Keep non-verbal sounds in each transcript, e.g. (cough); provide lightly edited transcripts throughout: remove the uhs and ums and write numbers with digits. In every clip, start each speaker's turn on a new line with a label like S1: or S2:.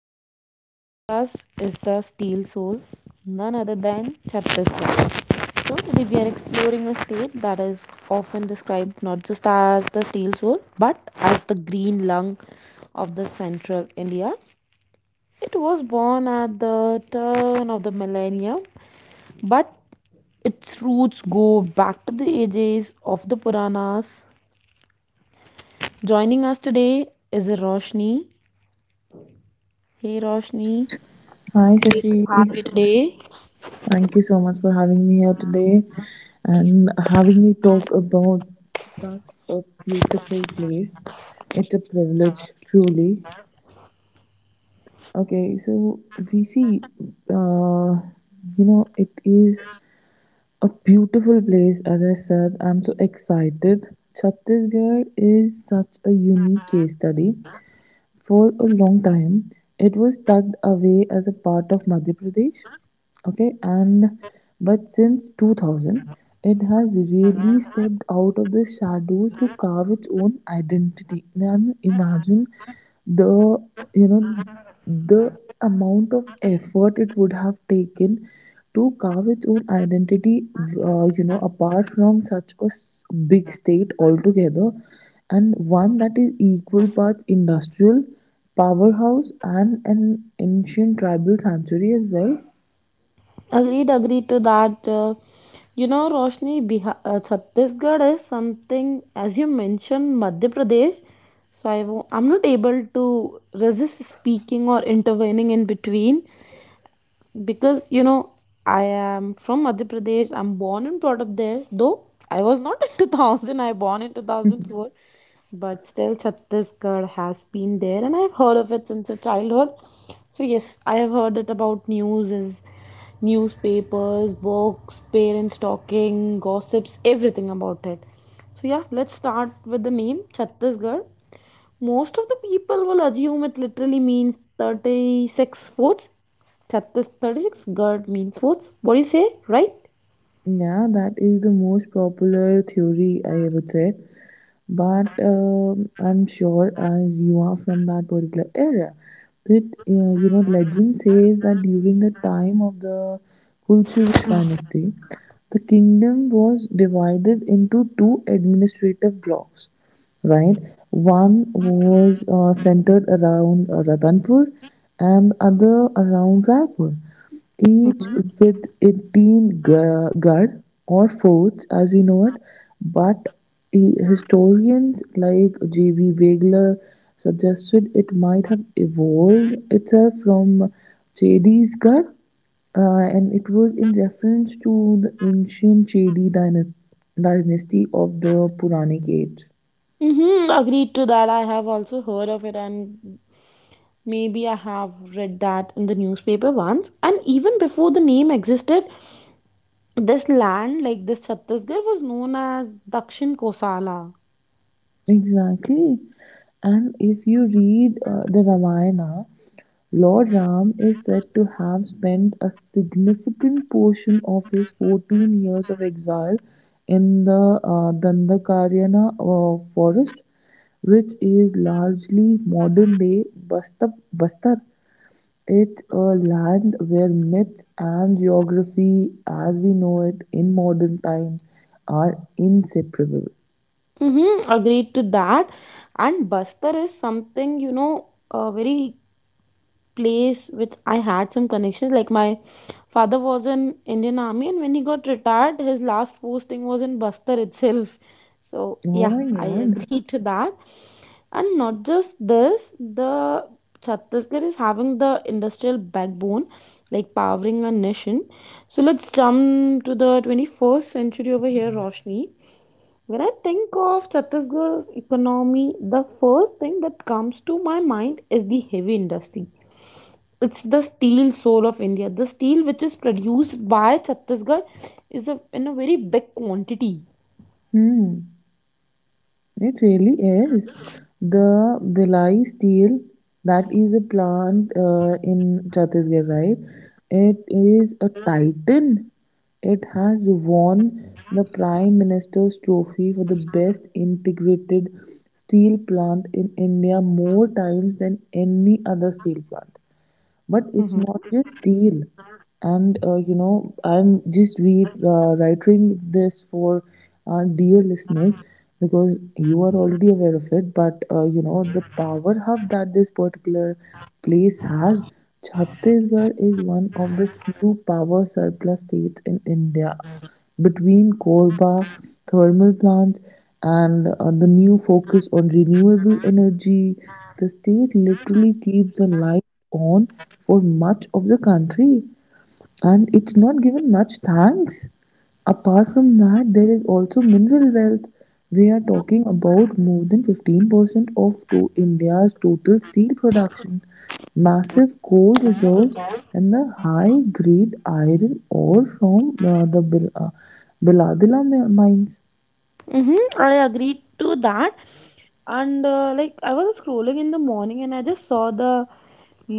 S1: Today we have with us is the steel soul, none other than Chhattisgarh. So today we are exploring a state that is often described not just as the steel soul but as the green lung of the central India. It was born at the turn of the millennium but its roots go back to the ages of the Puranas. Joining us today is Roshni. Hey Roshni,
S2: Hi
S1: great
S2: Sashi,
S1: to have you today.
S2: thank you so much for having me here today and having me talk about such a beautiful place. It's a privilege, truly. Okay, so we see, uh, it is a beautiful place. As I said, I'm so excited. Chhattisgarh is such a unique case study for a long time. It was tucked away as a part of Madhya Pradesh. Okay, and but since 2000, it has really stepped out of the shadows to carve its own identity. Now imagine the you know the amount of effort it would have taken to carve its own identity, apart from such a big state altogether, and one that is equal parts industrial, powerhouse, and an ancient tribal sanctuary as well.
S1: Agreed, agreed to that. You know, Roshni, Bihar, Chhattisgarh is something, as you mentioned, Madhya Pradesh. So I, I'm not able to resist speaking or intervening in between, because you know I am from Madhya Pradesh. I'm born and brought up there, though I was not (laughs) in 2000. I born in
S2: (laughs)
S1: 2004, but still Chhattisgarh has been there and I've heard of it since a childhood. So yes, I have heard it about news is, newspapers, books, parents talking, gossips, everything about it. So yeah, let's start with the name Chhattisgarh. Most of the people will assume it literally means 36 fourths. That is 36 god means fourths. What do you say, right?
S2: Yeah, that is the most popular theory, I would say. But I'm sure, as you are from that particular area, that legend says that during the time of the Kulchuru dynasty, the kingdom was divided into two administrative blocks, right? One was centered around Ratanpur and the other around Raipur, each
S1: Mm-hmm.
S2: with 18 guard or forts as we know it. But historians like J.B. Wegler suggested it might have evolved itself from Chedi's Ghar, and it was in reference to the ancient Chedi dynasty of the Puranic age.
S1: Mm-hmm. Agreed to that. I have also heard of it, and maybe I have read that in the newspaper once. And even before the name existed, this land, like this Chhattisgarh, was known as Dakshin Kosala.
S2: Exactly. And if you read the Ramayana, Lord Ram is said to have spent a significant portion of his 14 years of exile in the Dandakaryana forest, which is largely modern day Bastar. Bastar. It's a land where myths and geography, as we know it in modern times, are inseparable.
S1: Mm-hmm. Agreed to that. And Bastar is something, you know, very place which I had some connections. Like my father was in Indian Army, and when he got retired, his last posting was in Bastar itself. So
S2: Oh
S1: yeah,
S2: my
S1: I
S2: god.
S1: agree to that. And not just this, the Chhattisgarh is having the industrial backbone, like powering a nation. So let's jump to the 21st century over here, Roshni. When I think of Chhattisgarh's economy, the first thing that comes to my mind is the heavy industry. It's the steel soul of India. The steel which is produced by Chhattisgarh is a, in a very big quantity.
S2: Hmm, it really is. The Bilai steel, that is a plant in Chhattisgarh, right? It is a titan. It has won the Prime Minister's trophy for the best integrated steel plant in India more times than any other steel plant. But
S1: Mhm.
S2: it's not just steel. And I'm just re writing this for our dear listeners because you are already aware of it. But the power hub that this particular place has, Chhattisgarh is one of the few power surplus states in India between Korba thermal plant and the new focus on renewable energy. The state literally keeps the light on for much of the country, and it's not given much thanks. Apart from that, there is also mineral wealth. We are talking about more than 15% of to India's total steel production, massive coal reserves, and the high grade iron ore from Biladila mines.
S1: Hmm, I agree to that. And like I was scrolling in the morning and I just saw the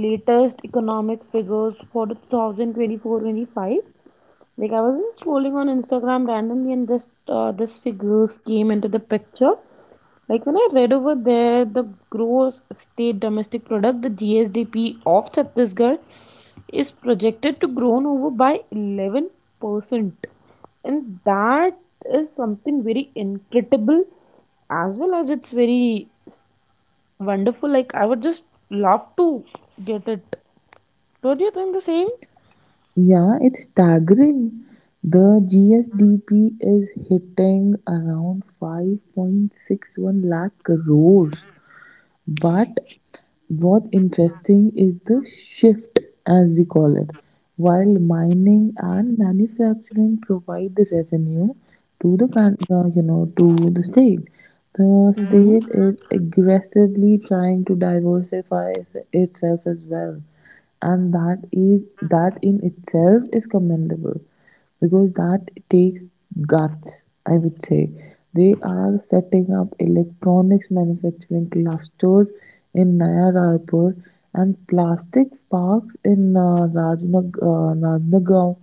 S1: latest economic figures for the 2024. Like I was just scrolling on Instagram randomly and just this figures came into the picture. Like when I read over there, the gross state domestic product, the GSDP of Chhattisgarh is projected to grow over by 11%, and that is something very incredible, as well as it's very wonderful. Like I would just love to get it. Don't you think the same?
S2: Yeah, it's staggering. The GSDP is hitting around 5.61 lakh crores. But what's interesting is the shift, as we call it. While mining and manufacturing provide the revenue to the to the
S1: Mm-hmm.
S2: state is aggressively trying to diversify itself as well, and that in itself is commendable because that takes guts, I would say. They are setting up electronics manufacturing clusters in Naya Raipur and plastic parks in Rajnagaon.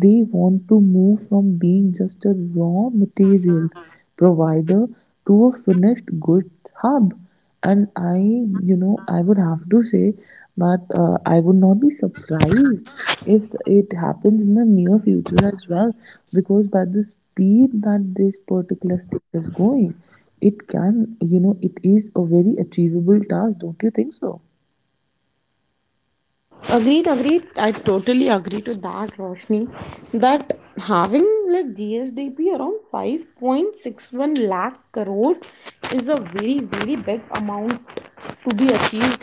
S2: They want to move from being just a raw material provider to a finished good hub. And I, you know, I would have to say that I would not be surprised if it happens in the near future as well, because by the speed that this particular state is going, it can, you know, it is a very achievable task, don't you think so?
S1: Agreed, agreed. I totally agree to that, Roshni. That having like GSDP around 5.61 lakh crores is a very, very big amount to be achieved.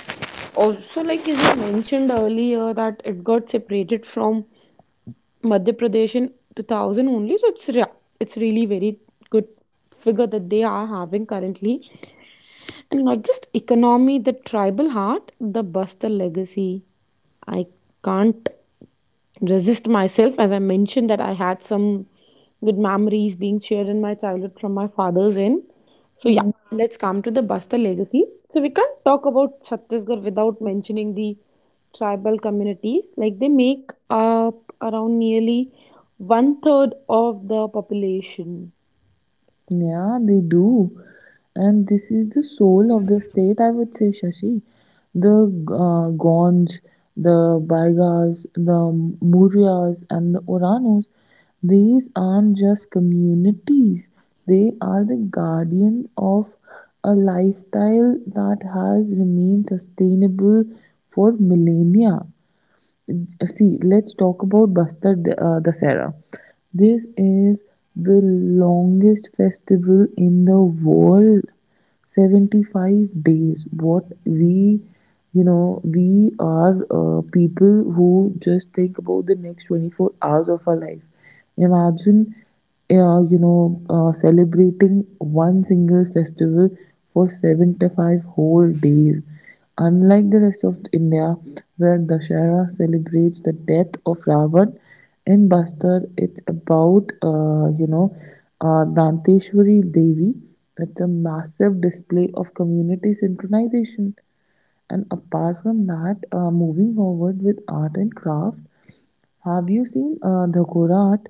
S1: Also, like as you mentioned earlier, that it got separated from Madhya Pradesh in 2000 only. It's really very good figure that they are having currently. And not just economy, the tribal heart, the Bastar legacy. I can't resist myself, as I mentioned, that I had some good memories being shared in my childhood from my father's end. So, yeah, let's come to the Bastar legacy. So, we can't talk about Chhattisgarh without mentioning the tribal communities. Like, they make up around nearly 1/3 of the population.
S2: Yeah, they do. And this is the soul of the state, I would say, Shashi. The Gonds, the Baigars, the Murias, and the Oranos, these aren't just communities, they are the guardians of a lifestyle that has remained sustainable for millennia. See, let's talk about Bastar Dasera. This is the longest festival in the world. 75 days. What we, you know, we are people who just think about the next 24 hours of our life. Imagine, celebrating one single festival for 75 whole days. Unlike the rest of India, where Dussehra celebrates the death of Ravan, in Bastar it's about, Danteshwari Devi. It's a massive display of community synchronization. And apart from that, moving forward with art and craft, have you seen Dhagora art?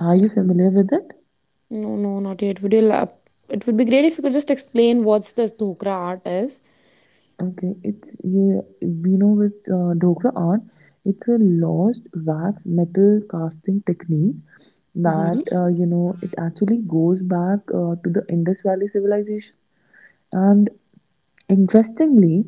S2: Are you familiar with it?
S1: No, no, not yet. It would be great if you could just explain what's this dhokra art is.
S2: Okay, it's yeah, we know with Dhokra art, it's a lost wax metal casting technique
S1: Mm-hmm.
S2: that, you know, it actually goes back to the Indus Valley civilization. And interestingly,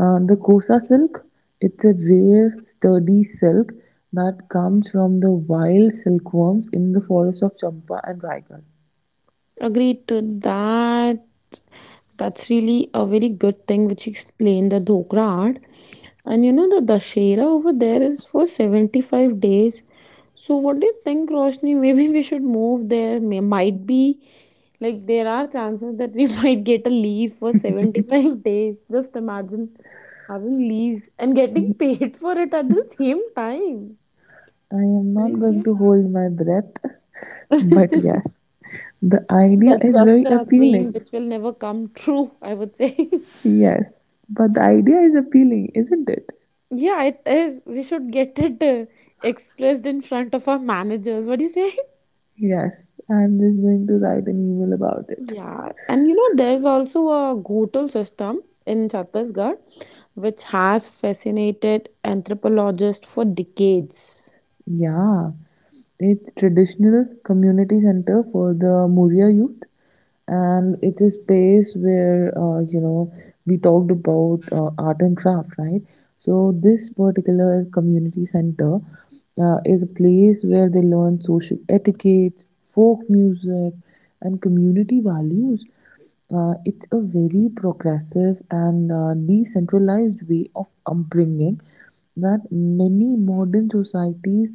S2: the Kosa silk, it's a rare, sturdy silk that comes from the wild silkworms in the forests of Champa and Raigarh.
S1: Agreed to that. That's really a very good thing which you explained, the dhokra art. And you know the Dashera over there is for 75 days. So what do you think, Roshni? Maybe we should move there. Might be like there are chances that we (laughs) might get a leave for 75 (laughs) days. Just imagine having leaves and getting paid for it at the same time.
S2: I am not
S1: Praise
S2: going
S1: you.
S2: to hold my breath, (laughs) but
S1: (laughs)
S2: yes, the idea
S1: That's
S2: is
S1: just
S2: very
S1: a dream
S2: appealing.
S1: which will never come true, I would say. (laughs)
S2: Yes, but the idea is appealing, isn't it?
S1: Yeah, it is. We should get it expressed in front of our managers. What do you say? (laughs)
S2: Yes, I'm just going to write an email about it.
S1: Yeah, and you know, there's also a Ghotul system in Chhattisgarh which has fascinated anthropologists for decades.
S2: Yeah, it's traditional community center for the Muria youth. And it is space where, you know, we talked about art and craft, right? So this particular community center, is a place where they learn social etiquette, folk music, and community values. It's a very progressive and decentralized way of upbringing that many modern societies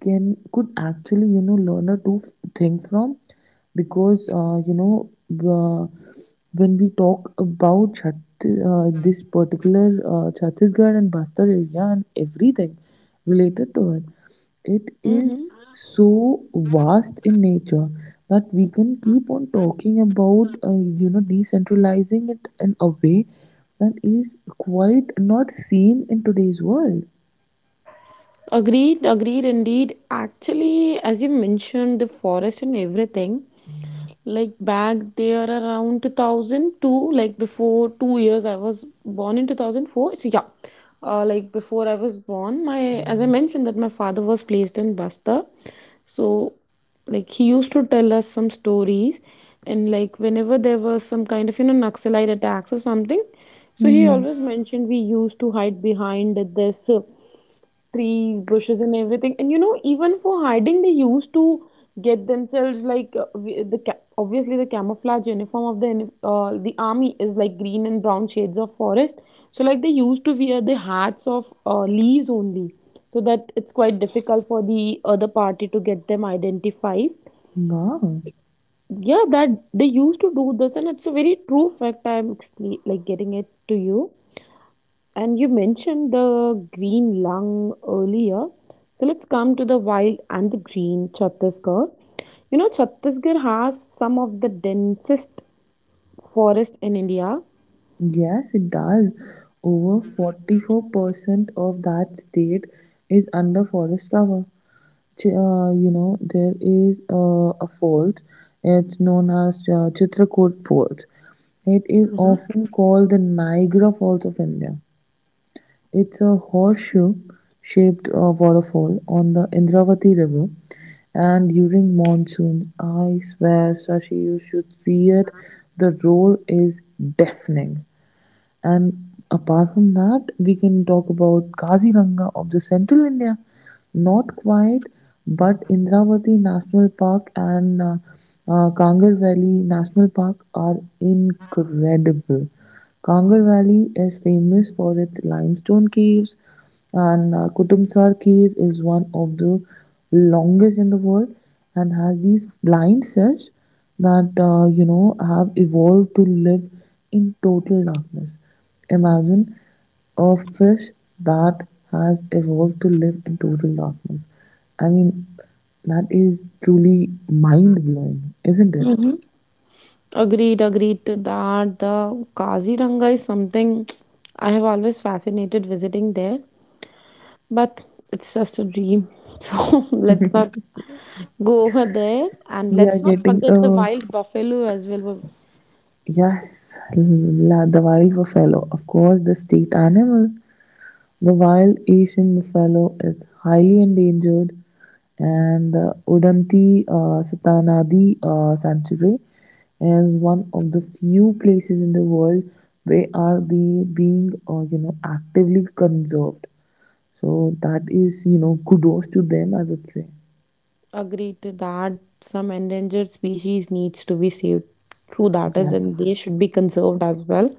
S2: can could actually, you know, learn or to think from, because, uh, when we talk about this particular Chhattisgarh and Bastar area and everything related to it, it is
S1: Mm-hmm.
S2: so vast in nature that we can keep on talking about, you know, decentralizing it in a way that is quite not seen in today's world.
S1: Agreed, agreed, indeed. Actually, as you mentioned, the forest and everything, like back there around 2002, like before 2 years, I was born in 2004. So yeah, like before I was born, my, as I mentioned that my father was placed in Basta, so like he used to tell us some stories, and like whenever there was some kind of, you know, Naxalite attacks or something, so he
S2: Hmm.
S1: always mentioned we used to hide behind this trees, bushes and everything. And you know, even for hiding they used to get themselves like obviously the camouflage uniform of the army is like green and brown shades of forest. So like they used to wear the hats of leaves only, so that it's quite difficult for the other party to get them identified.
S2: Wow.
S1: Yeah, that they used to do this, and it's a very true fact. Like getting it to you. And you mentioned the green lung earlier, so let's come to the wild and the green Chhattisgarh. You know, Chhattisgarh has some of the densest forest in India.
S2: Yes, it does. Over 44% of that state is under forest cover. You know, there is a fault. It's known as Chitrakoot Fault. It is
S1: Hmm.
S2: often called the Niagara Falls of India. It's a horseshoe shaped waterfall on the Indravati River. And during monsoon, I swear, Sashi, you should see it. The roar is deafening. And apart from that, we can talk about Kaziranga of the central India, not quite, but Indravati National Park and Kangar Valley National Park are incredible. Kangar Valley is famous for its limestone caves, and Kutumsar cave is one of the longest in the world and has these blind fish that, you know, have evolved to live in total darkness. Imagine a fish that has evolved to live in total darkness. I mean, that is truly mind blowing, isn't it?
S1: Hmm. Agreed, agreed to that. The Kaziranga is something I have always fascinated visiting there. But it's just a dream. (laughs) So let's not go over there, and
S2: We are
S1: let's not
S2: getting
S1: forget the
S2: a
S1: wild buffalo as well. We've
S2: yes, la, the wild buffalo, of course, the state animal. The wild Asian buffalo is highly endangered, and the Udanti Satanadi Sanctuary is one of the few places in the world where are they being, you know, actively conserved. So that is, you know, kudos to them, I would say.
S1: to that. Some endangered species needs to be saved. True that is, and
S2: Yes.
S1: they should be conserved as well.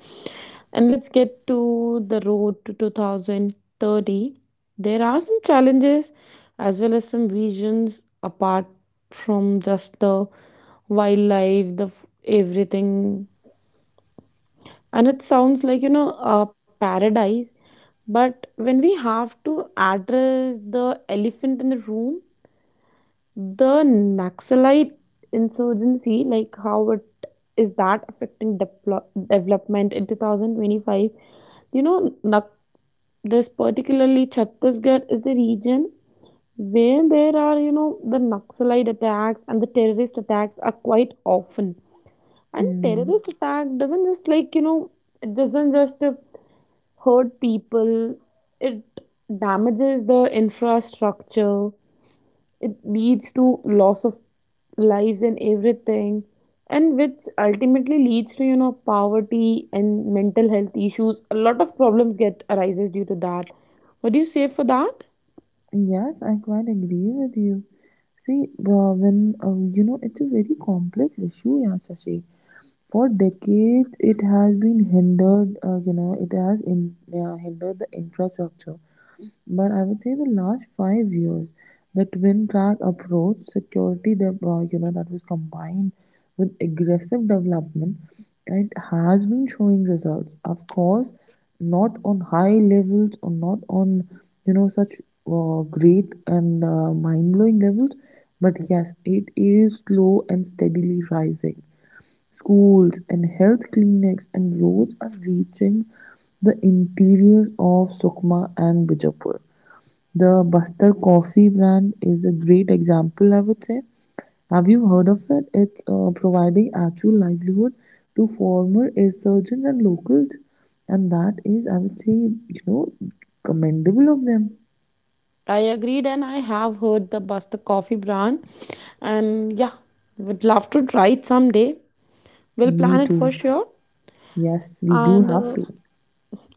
S1: And let's get to the road to 2030. There are some challenges as well as some visions apart from just the wildlife, everything, and it sounds like, you know, a paradise. But when we have to address the elephant in the room, the Naxalite insurgency, like how it is that affecting development in 2025. you know Nak- this particularly Chhattisgarh is the region where there are, you know, the Naxalite attacks and the terrorist attacks are quite often. And
S2: Hmm.
S1: terrorist attack doesn't just, like, you know, it doesn't just hurt people, it damages the infrastructure, it leads to loss of lives and everything, and which ultimately leads to, you know, poverty and mental health issues. A lot of problems get arises due to that. What do you say for that?
S2: Yes, I quite agree with you. See, when you know, it's a very complex issue, yeah, Shashi. For decades, it has been hindered, hindered the infrastructure. But I would say the last 5 years, the twin track approach, security, you know, that was combined with aggressive development, it has been showing results. Of course, not on high levels or not on, you know, such great and mind blowing levels, but yes, it is slow and steadily rising. Schools and health clinics and roads are reaching the interiors of Sukma and Bijapur. The Bastar coffee brand is a great example, I would say. Have you heard of it? It's, providing actual livelihood to former insurgents and locals, and that is, I would say, you know, commendable of them.
S1: I agreed, and I have heard the Basta Coffee brand, and yeah, would love to try it someday. We'll
S2: Me
S1: plan it for
S2: too.
S1: sure.
S2: Yes, we do
S1: And
S2: have to.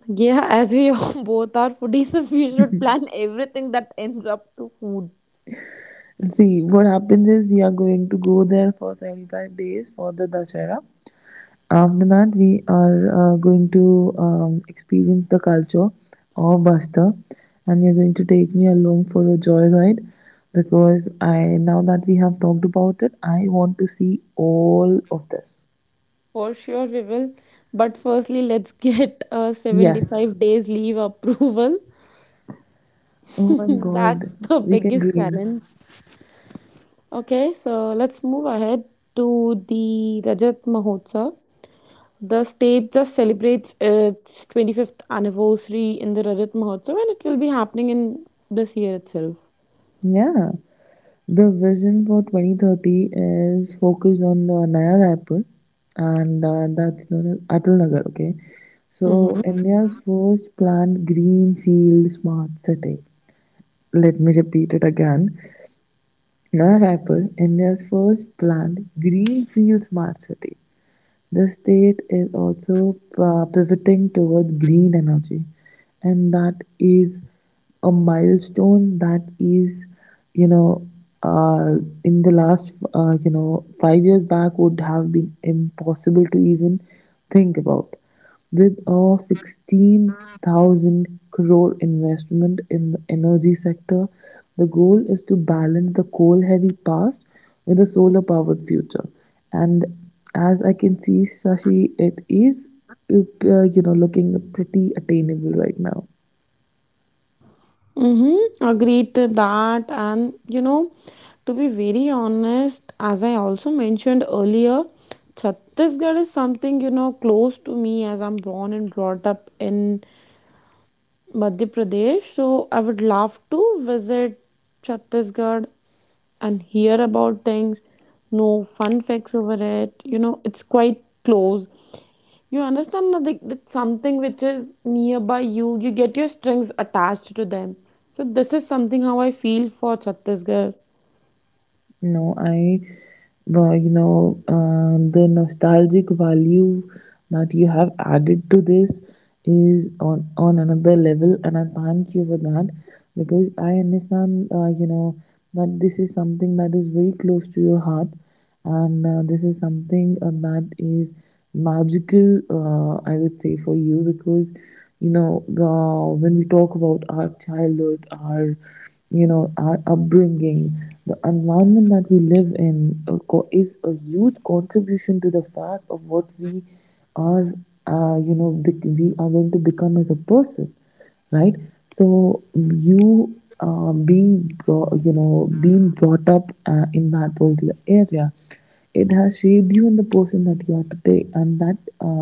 S1: yeah, as we (laughs) both are foodies, so we should plan everything that ends up to food.
S2: See, what happens is we are going to go there for 75 days for the Dashera. After that, we are going to experience the culture of Basta, and you're going to take me along for a joyride because I now that we have talked about it, I want to see all of this.
S1: For sure, we will. But firstly, let's get a
S2: Yes.
S1: 75 days leave approval.
S2: Oh my
S1: (laughs) That's
S2: God,
S1: the
S2: we can
S1: biggest
S2: dream.
S1: challenge. Okay, so let's move ahead to the Rajat Mahotsav. The state just celebrates its 25th anniversary in the Rajat Mahotsav, and it will be happening in this year itself.
S2: Yeah. The vision for 2030 is focused on Naya Raipur, and that's known as Atal Nagar. Okay, so
S1: Mm-hmm.
S2: India's first planned greenfield smart city. Let me repeat it again. Naya Raipur, India's first planned greenfield smart city. The state is also pivoting towards green energy, and that is a milestone that is, you know, uh, in the last, 5 years back would have been impossible to even think about. With a 16,000 crore investment in the energy sector, the goal is to balance the coal-heavy past with a solar-powered future. And as I can see, Shashi, it is, you know, looking pretty attainable right now.
S1: Mm-hmm. Agreed to that. And you know, to be very honest, as I also mentioned earlier, Chhattisgarh is something, you know, close to me as I'm born and brought up in Madhya Pradesh. So I would love to visit Chhattisgarh and hear about things, know fun facts over it. You know, it's quite close. You understand that, like, that's something which is nearby you, you get your strings attached to them. So this is something how I feel for Chhattisgarh.
S2: No, I, well, you know, the nostalgic value that you have added to this is on another level, and I thank you for that because I understand, you know, that this is something that is very close to your heart, and this is something that is magical, I would say, for you. Because, when we talk about our childhood, our, our upbringing, the environment that we live in, is a huge contribution to the fact of what we are, we are going to become as a person, right? So you, you know, being brought up in that particular area, it has shaped you in the person that you are today, and that,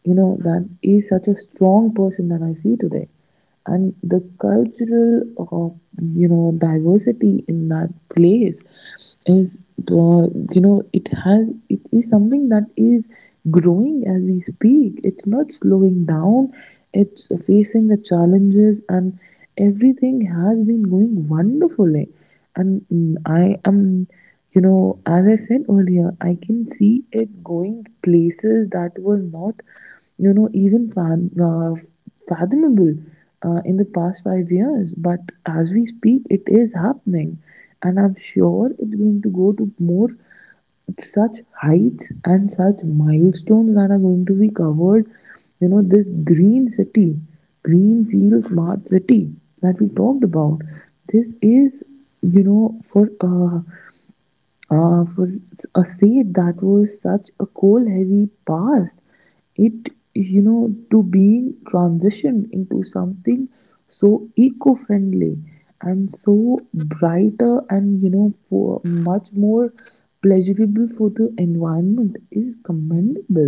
S2: you know, that is such a strong person that I see today. And the cultural, you know, diversity in that place is, uh, it is something that is growing as we speak. It's not slowing down, it's facing the challenges, and everything has been going wonderfully. And mm, I am, you know, as I said earlier, I can see it going places that were not, you know, even fathomable in the past 5 years, but as we speak, it is happening, and I'm sure it's going to go to more such heights and such milestones that are going to be covered. You know, this green city, green field, smart city that we talked about. This is, you know, for a state that was such a coal heavy past, it, you know, to being transitioned into something so eco friendly and so brighter and, you know, for much more pleasurable for the environment is commendable.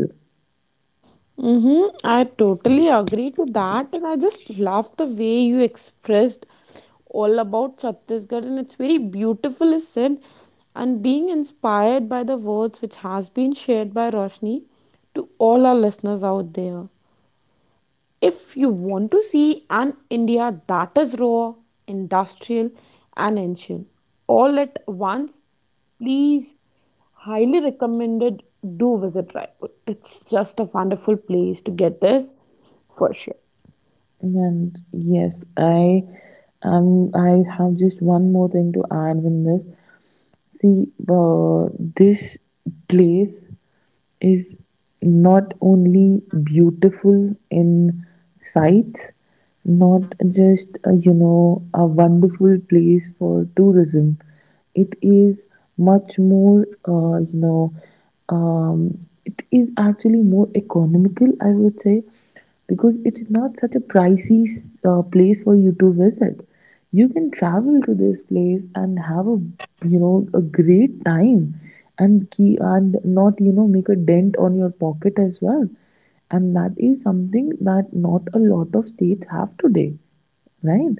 S1: Mm-hmm. I totally agree to that, and I just love the way you expressed all about Chhattisgarh, and it's very beautifully said. And being inspired by the words which has been shared by Roshni to all our listeners out there. If you want to see an India that is raw, industrial, and ancient all at once, please, highly recommended. Do visit Raipur. It's just a wonderful place to get this for sure.
S2: And yes, I have just one more thing to add in this. See, this place is not only beautiful in sights, not just, you know, a wonderful place for tourism. It is much more, um, it is actually more economical, I would say, because it's not such a pricey place for you to visit. You can travel to this place and have a, you know, a great time, and key and not, you know, make a dent on your pocket as well, and that is something that not a lot of states have today, right?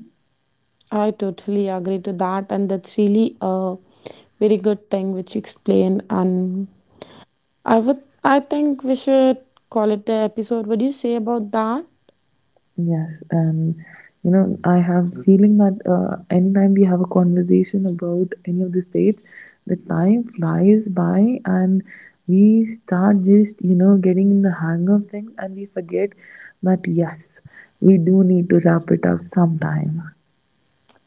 S1: I totally agree to that, and that's really a very good thing which you explained. And I think we should call it the episode. What do you say about that?
S2: Yes, and you know, I have the feeling that anytime we have a conversation about any of the states, the time flies by and we start just, you know, getting in the hang of things and we forget that yes, we do need to wrap it up sometime.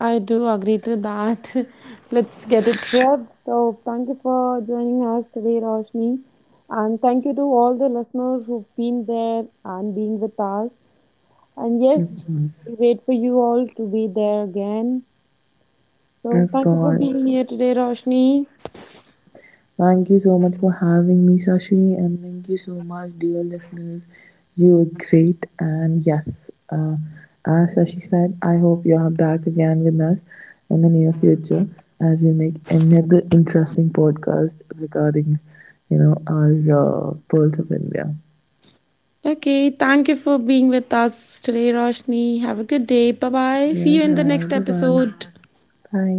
S1: I do agree to that. (laughs) Let's get it wrapped. So, thank you for joining us today, Roshni. And thank you to all the listeners who've been there and being with us. And
S2: Of
S1: yes,
S2: course,
S1: we wait for you all to be there again. So,
S2: of
S1: thank you for
S2: course.
S1: being here today, Roshni.
S2: Thank you so much for having me, Shashi, and thank you so much, dear listeners. You are great, and yes, as Shashi said, I hope you are back again with us in the near future as we make another interesting podcast regarding, you know, our pearls of India.
S1: Okay, thank you for being with us today, Roshni. Have a good day. Bye bye.
S2: Yes,
S1: See you in the
S2: wow,
S1: next
S2: bye bye.
S1: episode.
S2: Bye.